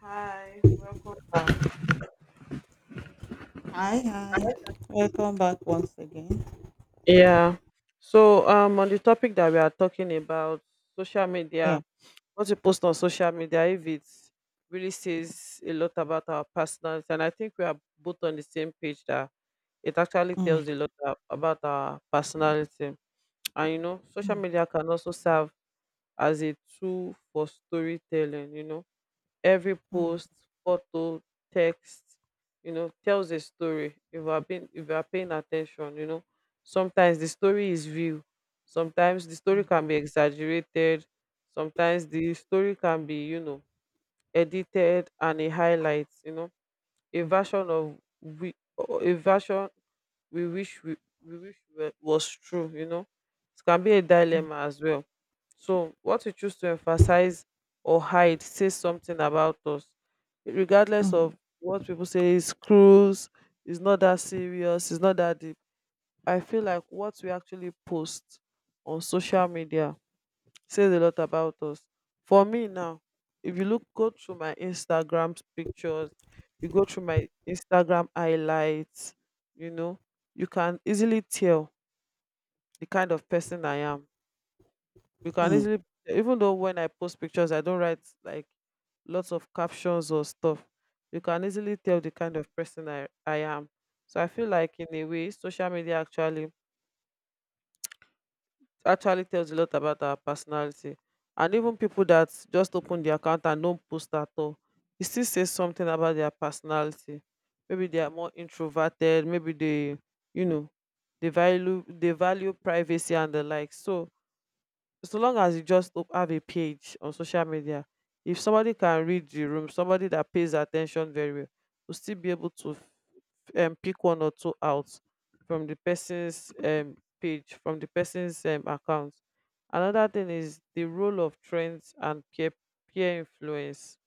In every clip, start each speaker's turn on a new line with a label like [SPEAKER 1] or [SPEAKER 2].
[SPEAKER 1] Hi, welcome back.
[SPEAKER 2] Hi, hi. Welcome back once again.
[SPEAKER 1] Yeah. So on the topic that we are talking about, social
[SPEAKER 2] Yeah.
[SPEAKER 1] media, what you post on social media, if it really says a lot about our personals, and I think we are both on the same page that it actually
[SPEAKER 2] Mm,
[SPEAKER 1] tells a lot about our personality. And social
[SPEAKER 2] mm,
[SPEAKER 1] media can also serve as a tool for storytelling. Every
[SPEAKER 2] mm,
[SPEAKER 1] post, photo, text, tells a story. If you are paying attention, sometimes the story is real. Sometimes the story
[SPEAKER 2] mm,
[SPEAKER 1] can be exaggerated. Sometimes the story can be, edited and a highlight, a version of we a version we wish we wish was true. It can be a dilemma as well. So what we choose to emphasize or hide says something about us. Regardless
[SPEAKER 2] mm,
[SPEAKER 1] of what people say is cruise, it's not that serious, it's not that deep. I feel like what we actually post on social media says a lot about us. For me now, if you look go through my Instagram pictures, you go through my Instagram highlights, you know, you can easily tell the kind of person I am.
[SPEAKER 2] mm,
[SPEAKER 1] You can
[SPEAKER 2] mm,
[SPEAKER 1] easily Even though when I post pictures I don't write like lots of captions or stuff, you can easily tell the kind of person I am. So I feel like in a way social media actually tells a lot about our personality. And even people that just open the account and don't post at all, it still says something about their personality. Maybe they are more introverted. Maybe you know, they value privacy and the like. So so long as you just have a page on social media, if somebody can read the room, somebody that pays attention very well, will still be able to pick one or two out from the person's page, from the person's account. Another thing is the role of trends and peer influence.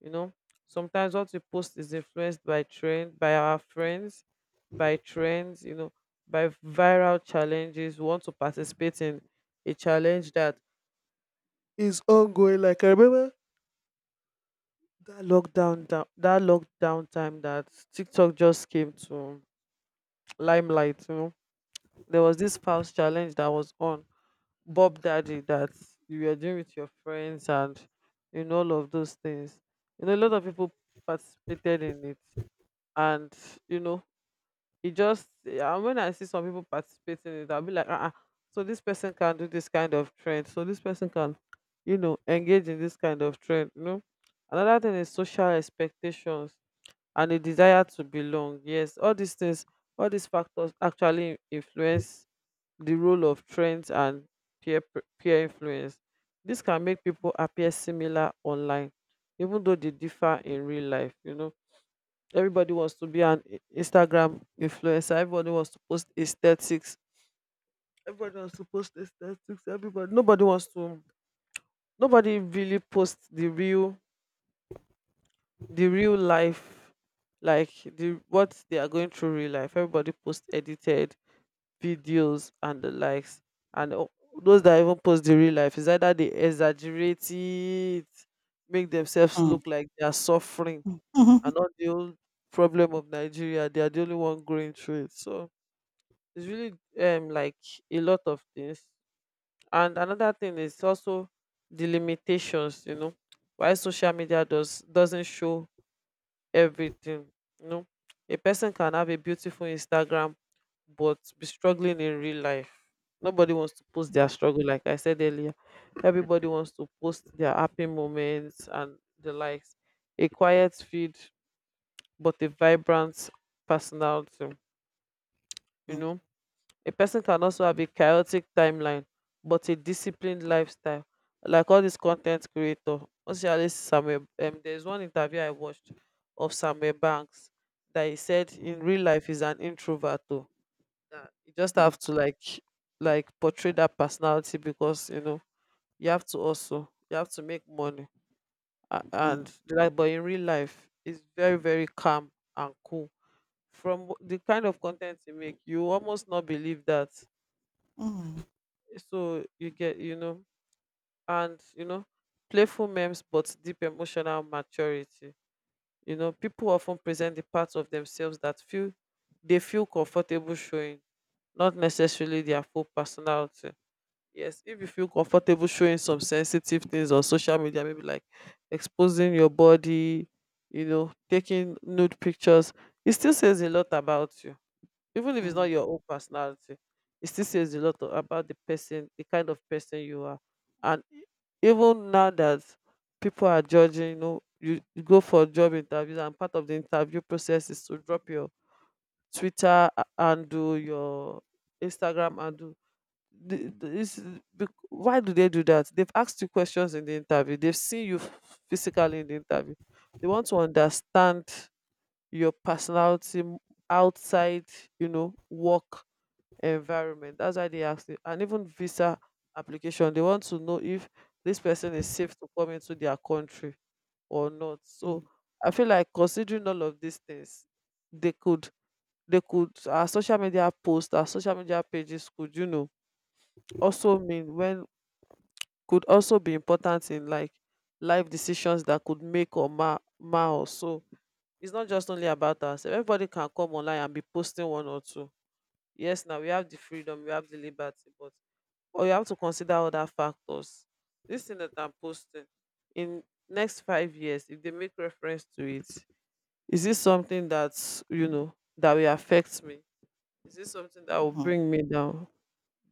[SPEAKER 1] You know, sometimes what we post is influenced by trend, by our friends, by trends. By viral challenges. We want to participate in a challenge that is ongoing. Like I remember that lockdown time that TikTok just came to limelight. There was this spouse challenge that was on Bob Daddy that you were doing with your friends and all of those things. A lot of people participated in it, and you know, it just yeah, and when I see some people participating in it, I'll be like, ah, so this person can do this kind of trend, so this person can, engage in this kind of trend. Another thing is social expectations and a desire to belong. Yes, all these things, all these factors actually influence the role of trends and peer influence. This can make people appear similar online, even though they differ in real life. Everybody wants to be an Instagram influencer. Everybody wants to post aesthetics. Everybody wants to post aesthetics. Nobody wants to. Nobody really posts the real life, like the what they are going through real life. Everybody posts edited videos and the likes and those that even post the real life is either they exaggerate it, make themselves
[SPEAKER 2] mm,
[SPEAKER 1] look like they are suffering
[SPEAKER 2] mm, mm,
[SPEAKER 1] and not the whole problem of Nigeria they are the only one going through it. So it's really like a lot of things. And another thing is also the limitations. Why social media doesn't show everything. You know, a person can have a beautiful Instagram but be struggling in real life. Nobody wants to post their struggle, like I said earlier. Everybody wants to post their happy moments and the likes. A quiet feed, but a vibrant personality. you
[SPEAKER 2] mm,
[SPEAKER 1] know a person can also have a chaotic timeline, but a disciplined lifestyle. Like all these content creator, especially Samuel. There's one interview I watched of Samuel Banks that he said
[SPEAKER 2] mm,
[SPEAKER 1] in real life he's an introvert too. That you just
[SPEAKER 2] mm,
[SPEAKER 1] have to like portray that personality, because you have to, also you have to make money. A-
[SPEAKER 2] mm,
[SPEAKER 1] and like, but in real life it's very very calm and cool. From the kind of content you make, you almost not believe that.
[SPEAKER 2] mm,
[SPEAKER 1] So you get, and you know playful memes but deep emotional maturity. People often present the parts of themselves that feel they feel comfortable showing, not necessarily their full personality. Yes, if you feel comfortable showing some sensitive things on social media, maybe like exposing your body, taking nude pictures, it still says a lot about you. Even if
[SPEAKER 2] mm,
[SPEAKER 1] it's not
[SPEAKER 2] mm,
[SPEAKER 1] your own personality, it still says a lot about the person, the kind of person you are. And even now that people are judging, you go for job interviews, and part of the interview process is to drop your Twitter handle, your Instagram handle. The, the, it's, why do they do that? They've asked you questions in the interview. They've seen you physically in the interview. They want to understand your personality outside, work environment. That's why they ask you. And even visa application, they want to know if this person is safe to come into their country or not. So I feel like considering all of these things, they could they could our social media our social media pages could, also mean when could also be important in like life decisions that could make or mar us. So it's not just only about us. Everybody can come online and be posting one or two. Yes, now we have the freedom, we have the liberty, but or you have to consider other factors. This thing that I'm posting in next 5 years, if they make reference to it, is this something that's you know that will affect me? Is this something that will
[SPEAKER 2] mm.
[SPEAKER 1] bring me down?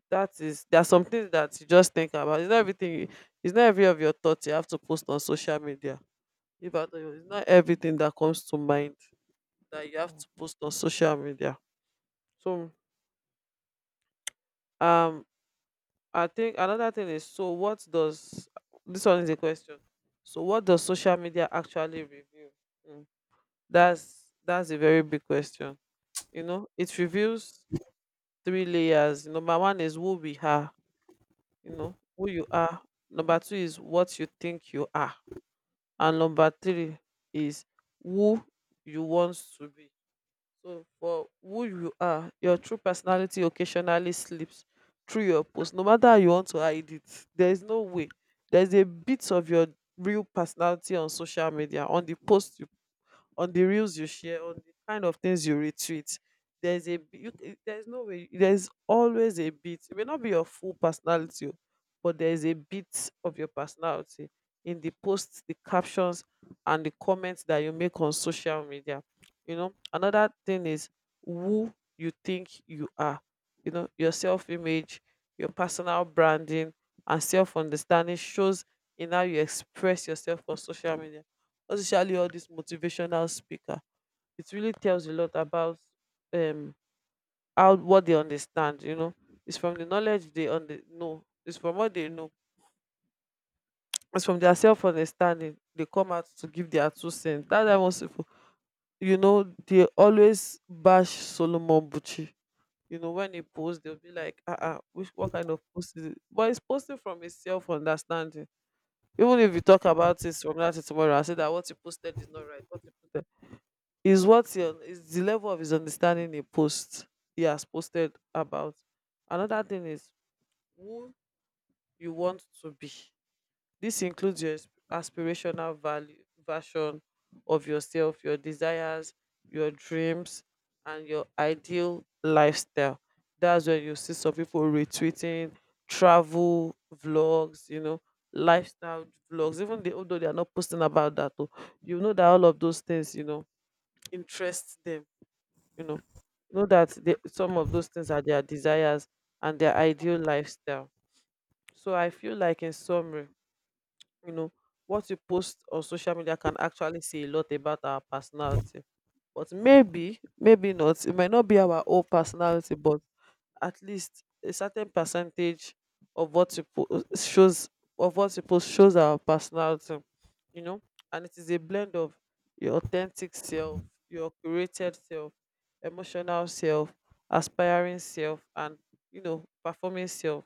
[SPEAKER 1] That is there are some things that you just think about. It's not every of your thoughts you have to post on social media. If I tell you, it's not everything that comes to mind that you have
[SPEAKER 2] Yeah.
[SPEAKER 1] to post on social media. So um I think another thing is, so what does, this one is a question. So what does social media actually reveal? Mm. That's a very big question. It reveals three layers. Number one is who we are, who you are. Number two is what you think you are. And number three is who you want to be. So, for who you are, your true personality occasionally slips through your post, no matter how you want to hide it. There is no way. There's a bit of your real personality on social media, on the post you on the reels you share, on the kind of things you retweet. There's a b- you, c- There's no way, there's always a bit. It may not be your full personality, but there's a bit of your personality in the posts, the captions, and the comments that you make on social media. Another thing is who you think you are. Your self image, your personal branding, and self understanding shows in how you express yourself on social media, especially all this motivational speaker. It really tells a lot about um how what they understand. It's from what they know. It's from their self understanding they come out to give their two cents, that I was they always bash Solomon Buchi. When he posts they'll be like, uh-uh, which what kind of post is it, but it's posting from his self understanding. Even if you talk about it from that to tomorrow and say that what you posted is not right, what you posted is what your is the level of his understanding, a post he has posted about. Another thing is who you want to be. This includes your aspirational value version of yourself, your desires, your dreams, and your ideal lifestyle. That's where you see some people retweeting travel vlogs, lifestyle vlogs. Even they, although they are not posting about that, oh, that all of those things, interest them, you know know that some of those things are their desires and their ideal lifestyle. So I feel like, in summary, you know what you post on social media can actually say a lot about our personality. But maybe not, it might not be our whole personality, but at least a certain percentage of what you post shows our personality, you know and it is a blend of your authentic self, your curated self, emotional self, aspiring self, and performing self.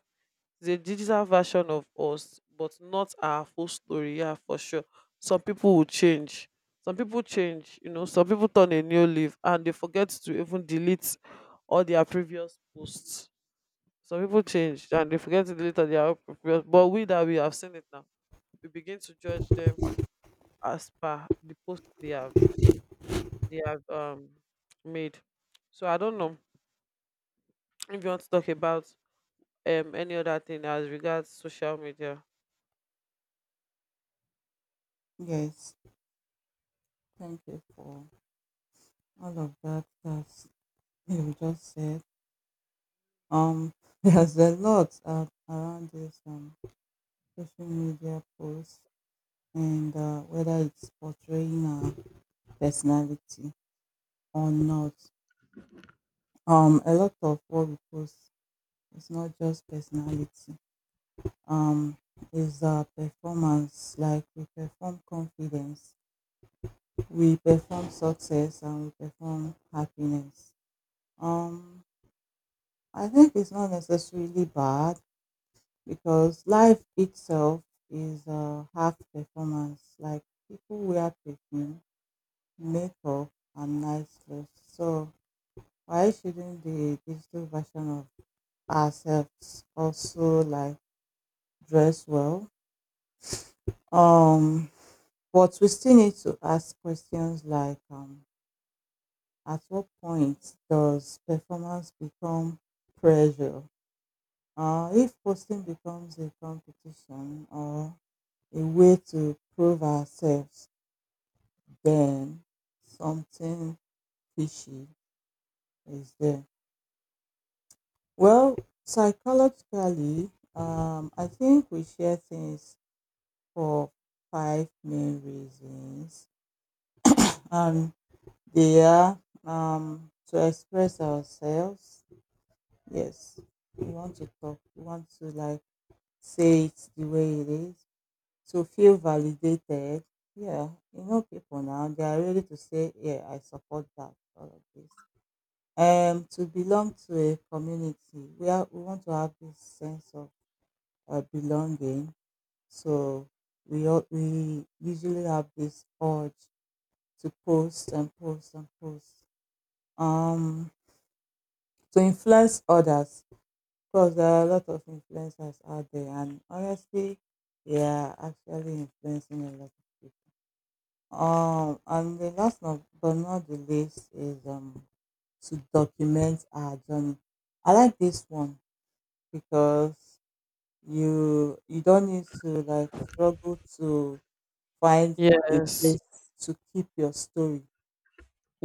[SPEAKER 1] It's a digital version of us, but not our full story. Yeah, for sure. Some people will change. Some people change, you know, some people turn a new leaf and they forget to even delete all their previous posts. Some people
[SPEAKER 2] Mm.
[SPEAKER 1] change and they forget it later. They are previous, but we that we have seen it now, we begin to judge them as per the post they have they have um made. So I don't know if you want to talk about any other thing as regards social media.
[SPEAKER 2] Yes. Thank you for all of that that you just said. Um, there's a lot around this social media posts and whether it's portraying our personality or not. A lot of what we post, it's not just personality. Um, it's performance. Like we perform confidence, we perform success, and we perform happiness. Um, I think it's not necessarily bad because life itself is half performance. Like people wear perfume, makeup, and nice clothes. So why shouldn't the digital version of ourselves also like dress well? Um, But we still need to ask questions like at what point does performance become pressure? If posting becomes a competition or a way to prove ourselves, then something fishy is there. Well, psychologically, I think we share things for five main reasons. Um, they are, to express ourselves. Yes, you want to talk, you want to like say it the way it is. So feel validated. Yeah, people now, they are ready to say, yeah, I support that, all of this. To belong to a community, we want to have this sense of, belonging. So we usually have this urge to post and post and post. Um, to influence others, course, there are a lot of influencers out there, and honestly, they are actually influencing a lot of people. And the last, not, but not the least is to document our journey. I like this one because you don't need to like struggle to find a
[SPEAKER 1] Yes,
[SPEAKER 2] place to keep your story.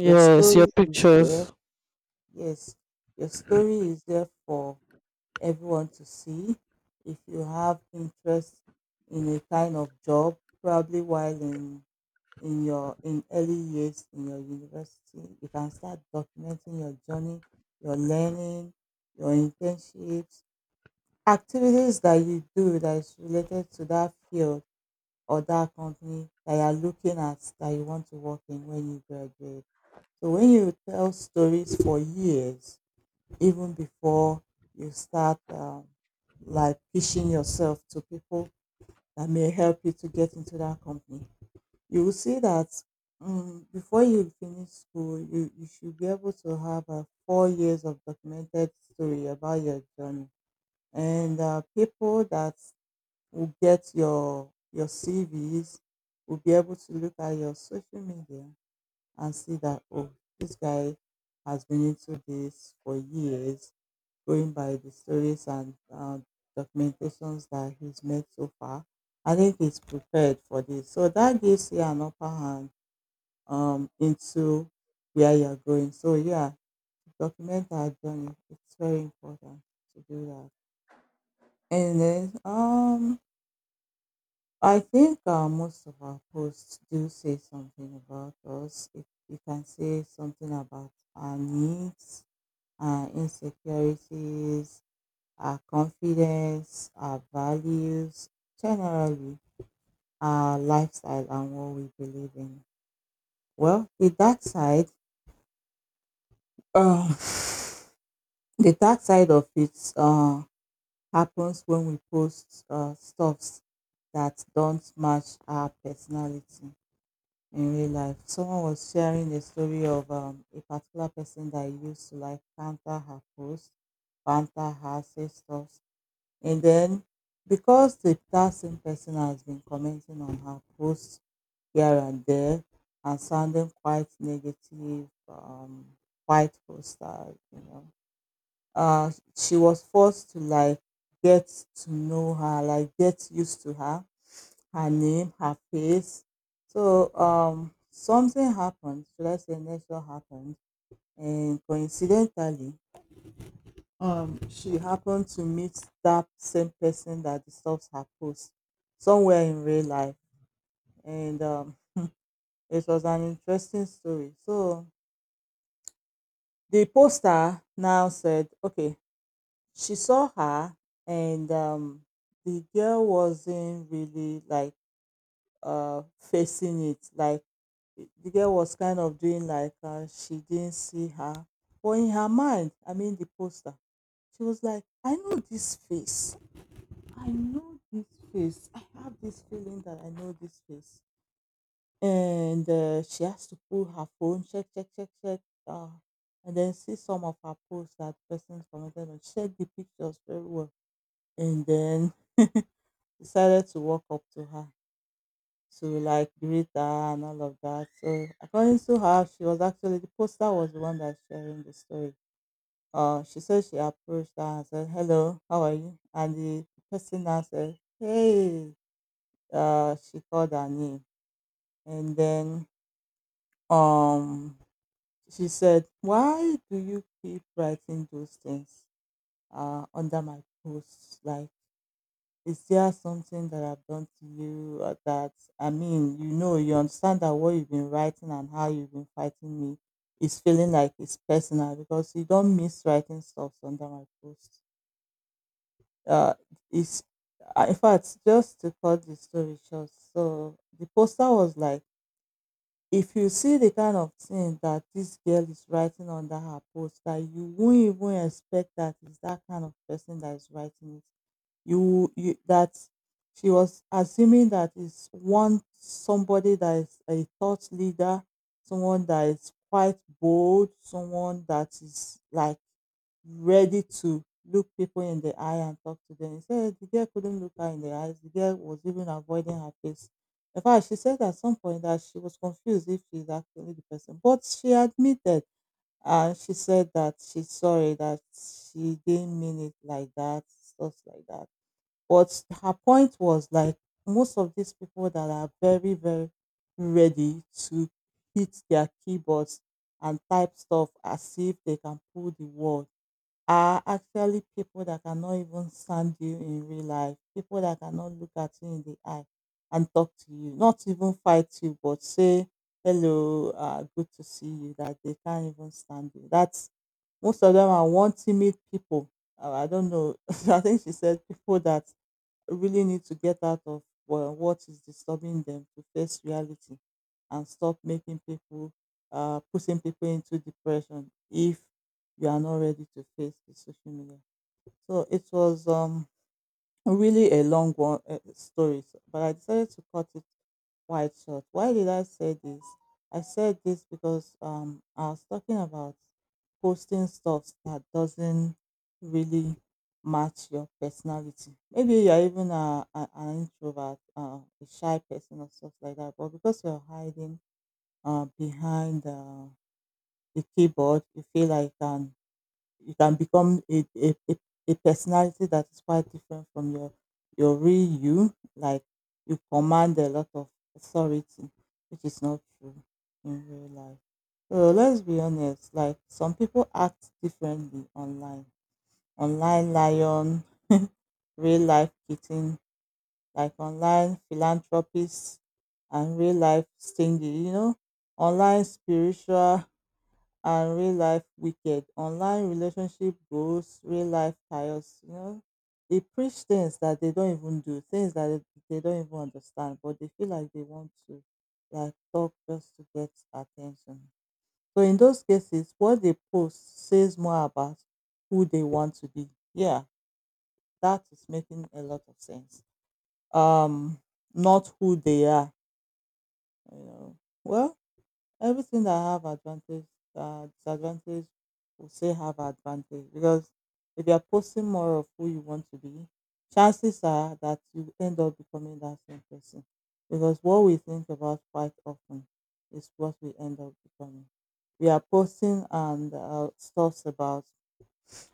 [SPEAKER 2] Your
[SPEAKER 1] your
[SPEAKER 2] story is there.
[SPEAKER 1] pictures.
[SPEAKER 2] Yes, your story is there for everyone to see. If you have interest in a kind of job, probably while in early years in your university, you can start documenting your journey, your learning, your internships, activities that you do that is related to that field or that company that you are looking at that you want to work in when you graduate. So when you tell stories for years, even before you start, like pitching yourself to people that may help you to get into that company. You will see that, before you finish school, you should be able to have 4 years of documented story about your journey. And people that will get your CVs will be able to look at your social media and see that, oh, this guy has been into this for years going by the stories and documentations that he's made so far. I think he's prepared for this. So that gives you an upper hand into where you're going. So yeah, to document our journey. It's very important to do that. And then, I think, most of our posts do say something about us. You can say something about our needs, our insecurities, our confidence, our values, generally our lifestyle, and what we believe in. Well, the dark side, um, the dark side of it happens when we post stuffs that don't match our personality in real life. Someone was sharing the story of, a particular person that used to like banter her post, banter her, say stuff. And then, because the that same person has been commenting on her posts here and there and sounding quite negative, quite hostile, uh, she was forced to like get to know her, like get used to her, her name, her face. So, something happened, should I say, nature happened, and coincidentally, she happened to meet that same person that disturbs her post somewhere in real life. And it was an interesting story. So the poster now said, okay, she saw her, and the girl wasn't really like, facing it. Like the girl was kind of doing like, she didn't see her. But in her mind, I mean the poster, she was like, I know this face. I know this face. I have this feeling that I know this face. And she has to pull her phone, check, check, check, check, uh, and then see some of her posts that persons commented on. Check the pictures very well. And then decided to walk up to her to like greet her and all of that. So according to her, she was actually the poster was the one that's sharing the story. She said she approached her and said, "Hello, how are you?" And the person answered, "Hey." She called her name. And then, um, she said, why do you keep writing those things, under my posts? Like, is there something that I've done to you or that, I mean, you understand that what you've been writing and how you've been fighting me is feeling like it's personal because you don't miss writing stuff under my posts. Uh, it's, in fact, just to cut the story short, so the poster was like, if you see the kind of thing that this girl is writing under her post dat you won't even expect that it's that kind of person that is writing it. You that she was assuming dat is one somebody that is a thought leader, someone that is quite bold, someone that is like ready to look people in the eye and talk to them. He said the girl couldn't look her in the eyes. The girl was even avoiding her face. In fact, she said at some point that she was confused if she's actually the person, but she admitted and she said that she's sorry that she didn't mean it like that, stuff like that. But her point was like most of these people that are very, very ready to hit their keyboards and type stuff as if they can pull the world are actually people that cannot even stand you in real life, people that cannot look at you in the eye and talk to you, not even fight you, but say, hello, good to see you, that they can't even stand you. That's most of them are one timid people. I don't know. I think she said people that really need to get out of, well, what is disturbing them to face reality and stop making people, pushing people into depression if you are not ready to face the social media. So it was, really a long one story, but I decided to cut it quite short. Why did I say this? I said this because, I was talking about posting stuff that doesn't really match your personality. Maybe you're even an introvert, a shy person, or stuff like that. But because you're hiding, behind, the keyboard, you feel like an you can become a personality that is quite different from your real you. Like you command a lot of authority, which is not true in real life. So let's be honest, like some people act differently online. Online lion, real life kitten, like online philanthropist and real life stingy, you know, online spiritual and real life wicked. Online relationship goals, real life chaos. You know. They preach things that they, don't even do, things that they don't even understand, but they feel like they want to like talk just to get attention. So in those cases, what they post says more about who they want to be. Yeah, that is making a lot of sense. Um, Not who they are, you know. Well, everything that have advantage, disadvantage, will say have advantage because if you are posting more of who you want to be, chances are that you end up becoming that same person. Because what we think about quite often is what we end up becoming. We are posting and, stuff about,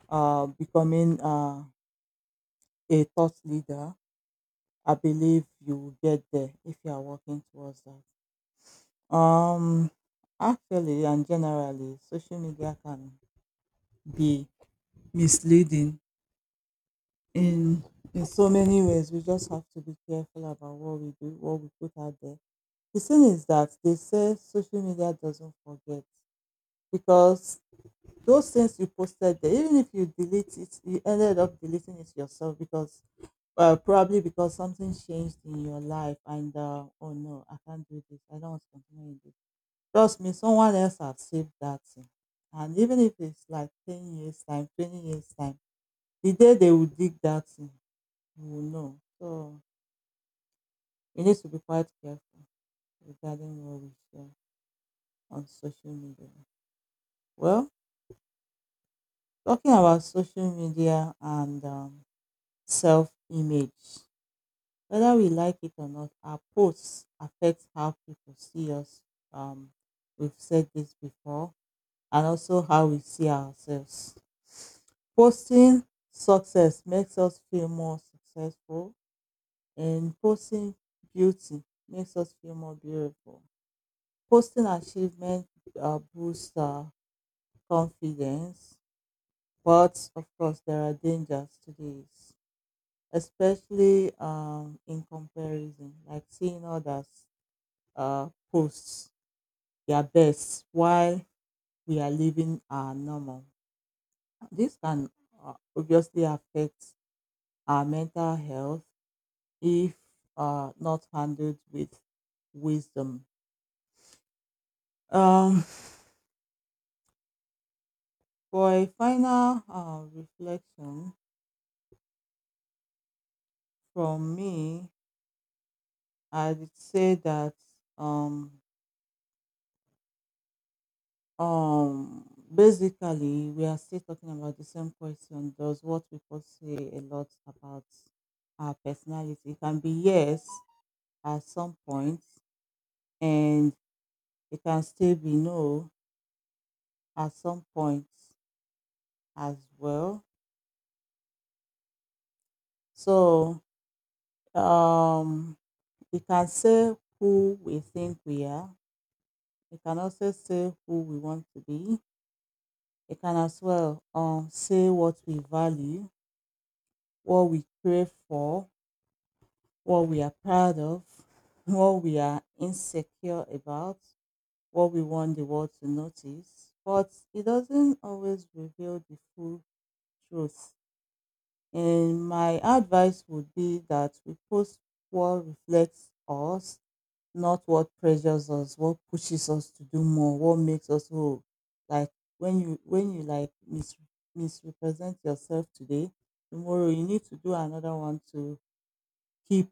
[SPEAKER 2] becoming, a thought leader. I believe you will get there if you are working towards that. Um, Actually and generally, social media can be misleading in, so many ways. We just have to be careful about what we do, what we put out there. The thing is that they say social media doesn't forget because those things you posted there, even if you delete it, you ended up deleting it yourself because, probably because something changed in your life, and oh no, I can't do this. I don't want to continue this. Trust me, someone else has saved that thing. And even if it's like 10 years' time, 20 years' time, the day they will dig that thing, you will know. So we need to be quite careful regarding what we share on social media. Well, talking about social media and, self image, whether we like it or not, our posts affect how people see us. Um, we've said this before, and also how we see ourselves. Posting success makes us feel more successful, and posting beauty makes us feel more beautiful. Posting achievement, boosts our confidence, but of course, there are dangers to this, especially, in comparison, like seeing others, post their best while we are living our normal. This can, obviously affect our mental health if, not handled with wisdom. Um, for a final, reflection from me, I'd say that, um, basically we are still talking about the same question. Does what people say a lot about our personality? It can be yes at some point, and it can still be no at some point as well. So um, we can say who we think we are. We can also say who we want to be. We can as well, say what we value, what we crave for, what we are proud of, what we are insecure about, what we want the world to notice. But it doesn't always reveal the full truth. And my advice would be that we post what reflects us, not what pressures us, what pushes us to do more, what makes us whole. Like when you like misrepresent yourself today, tomorrow you need to do another one to keep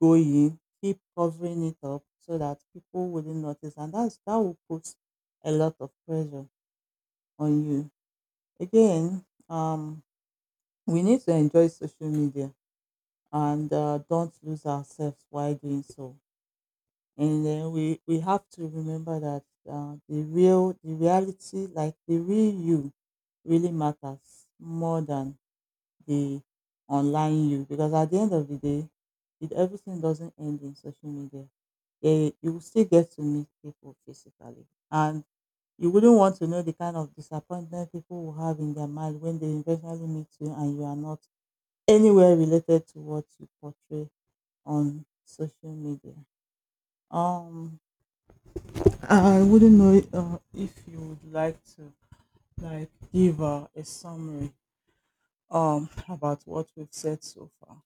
[SPEAKER 2] going, keep covering it up so that people wouldn't notice, and that will put a lot of pressure on you. Again, we need to enjoy social media and, don't lose ourselves while doing so. And then we have to remember that, the reality, like the real you, really matters more than the online you. Because at the end of the day, everything doesn't end in social media. Yeah, you will still get to meet people physically. And you wouldn't want to know the kind of disappointment people will have in their mind when they eventually meet you and you are not anywhere related to what you portray on social media. Um, I wouldn't know, if you would like to like give, a summary about what we've said so far.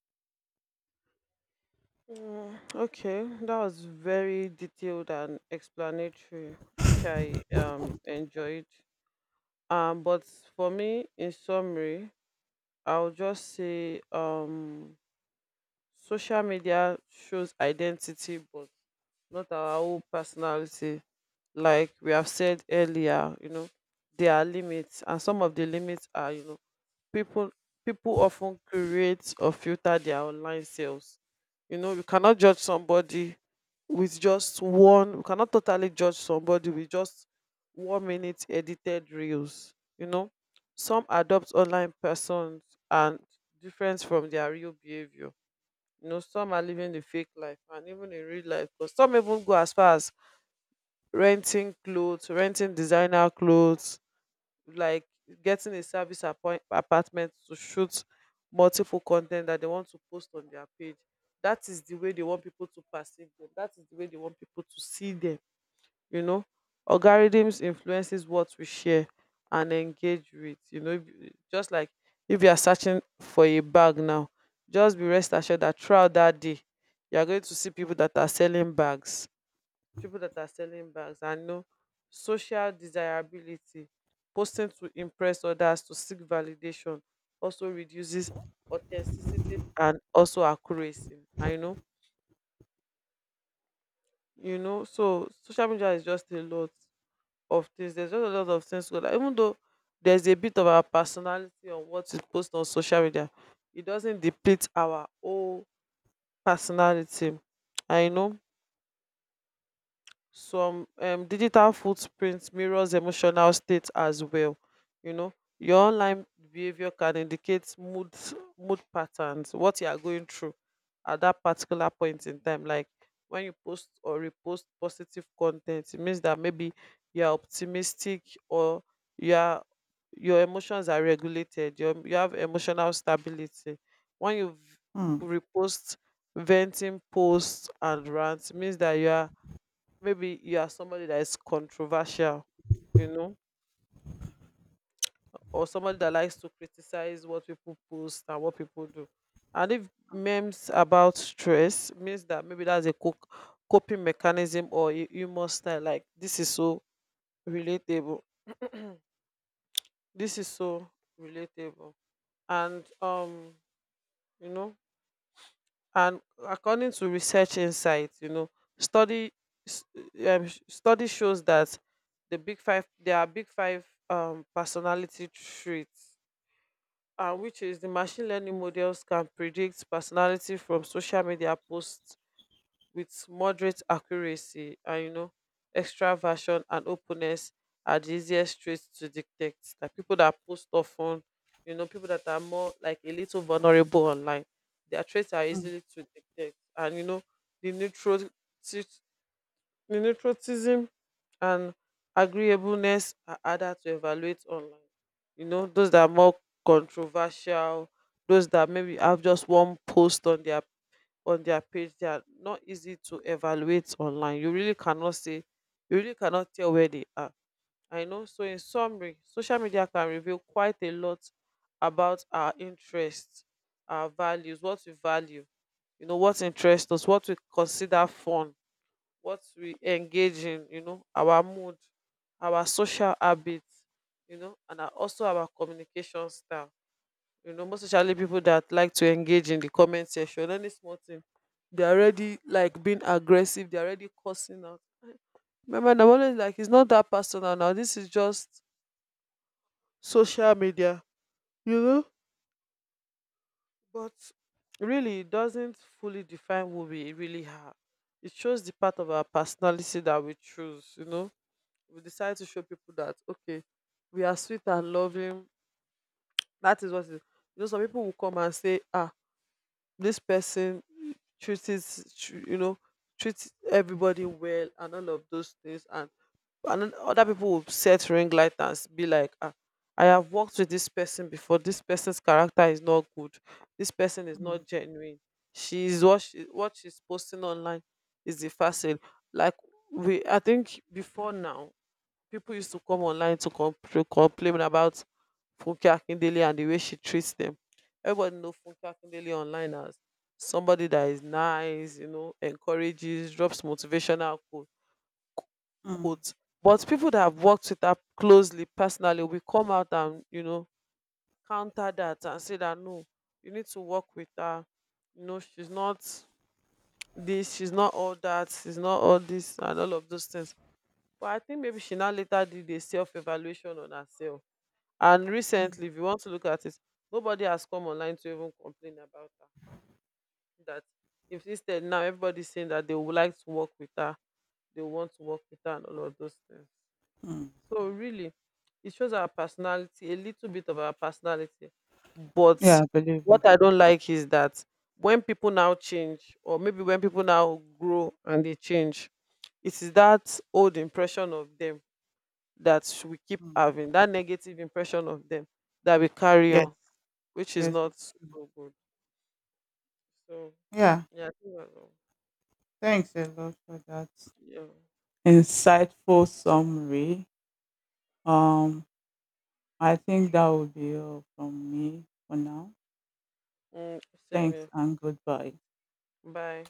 [SPEAKER 1] Mm, okay, that was very detailed and explanatory, which I enjoyed. But for me, in summary, I'll just say, social media shows identity, but not our whole personality. Like we have said earlier, you know, there are limits, and some of the limits are, you know, people people often create or filter their online selves. You know, you cannot judge somebody with just one we cannot totally judge somebody with just 1-minute edited reels. You know, some adopt online persons and different from their real behavior. You know, some are living the fake life, and even in real life, because some even go as far as renting clothes, renting designer clothes, like getting a apartment to shoot multiple content that they want to post on their page. That is the way they want people to perceive them. That is the way they want people to see them. You know, algorithms influences what we share and engage with. You know, if you- just like if you are searching for a bag now, just be rest assured that throughout that day, you are going to see people that are selling bags, and no, social desirability, posting to impress others to seek validation, also reduces authenticity and also accuracy. And you know, so social media is just a lot of things. There's just a lot of things like, even though there's a bit of our personality on what we post on social media, it doesn't depict our whole personality. I know some digital footprint mirrors emotional state as well. You know, your online behavior can indicate mood, mood patterns, what you are going through at that particular point in time. Like when you post or repost positive content, it means that maybe you are optimistic, or you are, your emotions are regulated. You have emotional stability. When you
[SPEAKER 2] Hmm.
[SPEAKER 1] repost venting posts and rants, it means that you are, maybe you are somebody that is controversial, you know, or somebody that likes to criticize what people post and what people do. And if memes about stress, means that maybe that's a coping mechanism or humor style, like this is so relatable, this is so relatable, and you know. And according to research insights, you know, study s- study shows that there are big five personality traits, which is, the machine learning models can predict personality from social media posts with moderate accuracy. And you know, extraversion and openness are the easiest traits to detect, like people that post often, you know, people that are more like a little vulnerable online, their traits are
[SPEAKER 2] Mm,
[SPEAKER 1] easily to detect. And you know, the neutrotism and agreeableness are harder to evaluate online. You know, those that are more controversial, those that maybe have just one post on their page, they are not easy to evaluate online. You really cannot say, you really cannot tell where they are. I know. So in summary, social media can reveal quite a lot about our interests, our values, what we value, you know, what interests us, what we consider fun, what we engage in, you know, our mood, our social habits, you know, and our, also our communication style. You know, most especially people that like to engage in the comment section, any small thing they're already like being aggressive, they're already cursing out. Remember, and I'm always like, it's not that personal now, this is just social media, you know. But really, it doesn't fully define who we really are. It shows the part of our personality that we choose. You know, we decide to show people that, okay, we are sweet and loving, that is what it is. You know, some people will come and say, ah, this person you know, treat everybody well and all of those things. And then other people will set ring light and be like, ah, I have worked with this person before, this person's character is not good, this person is
[SPEAKER 2] mm,
[SPEAKER 1] not genuine. She's what she's posting online is the facade. like we, I think before now, people used to come online to complain about Funke Akindele and the way she treats them. Everybody know Funke Akindele online as somebody that is nice, you know, encourages, drops motivational
[SPEAKER 2] mm,
[SPEAKER 1] quotes. But people that have worked with her closely, personally, will come out and, you know, counter that and say that no, you need to work with her. You know, she's not all that, she's not all this, and all of those things. But I think maybe she now later did a self evaluation on herself, and
[SPEAKER 2] mm,
[SPEAKER 1] recently, if you want to look at it, nobody has come online to even complain about her. That if, instead, now everybody's saying that they would like to work with her, they want to work with her and all of those things.
[SPEAKER 2] mm.
[SPEAKER 1] So really, it shows our personality, a little bit of our personality.
[SPEAKER 2] Yeah,
[SPEAKER 1] But
[SPEAKER 2] I believe you.
[SPEAKER 1] what I don't like is that when people now change, or maybe when people now grow and they change, it is that old impression of them that we keep
[SPEAKER 2] Mm.
[SPEAKER 1] having, that negative impression of them that we carry
[SPEAKER 2] Yes,
[SPEAKER 1] on, which is
[SPEAKER 2] yes,
[SPEAKER 1] not
[SPEAKER 2] it's true.
[SPEAKER 1] so good. So
[SPEAKER 2] Yeah,
[SPEAKER 1] yeah, I think that's all.
[SPEAKER 2] thanks a lot for that
[SPEAKER 1] Yeah.
[SPEAKER 2] insightful summary. Um, I think that would be all from me for now.
[SPEAKER 1] Mm, same
[SPEAKER 2] Thanks
[SPEAKER 1] here.
[SPEAKER 2] and goodbye.
[SPEAKER 1] Bye.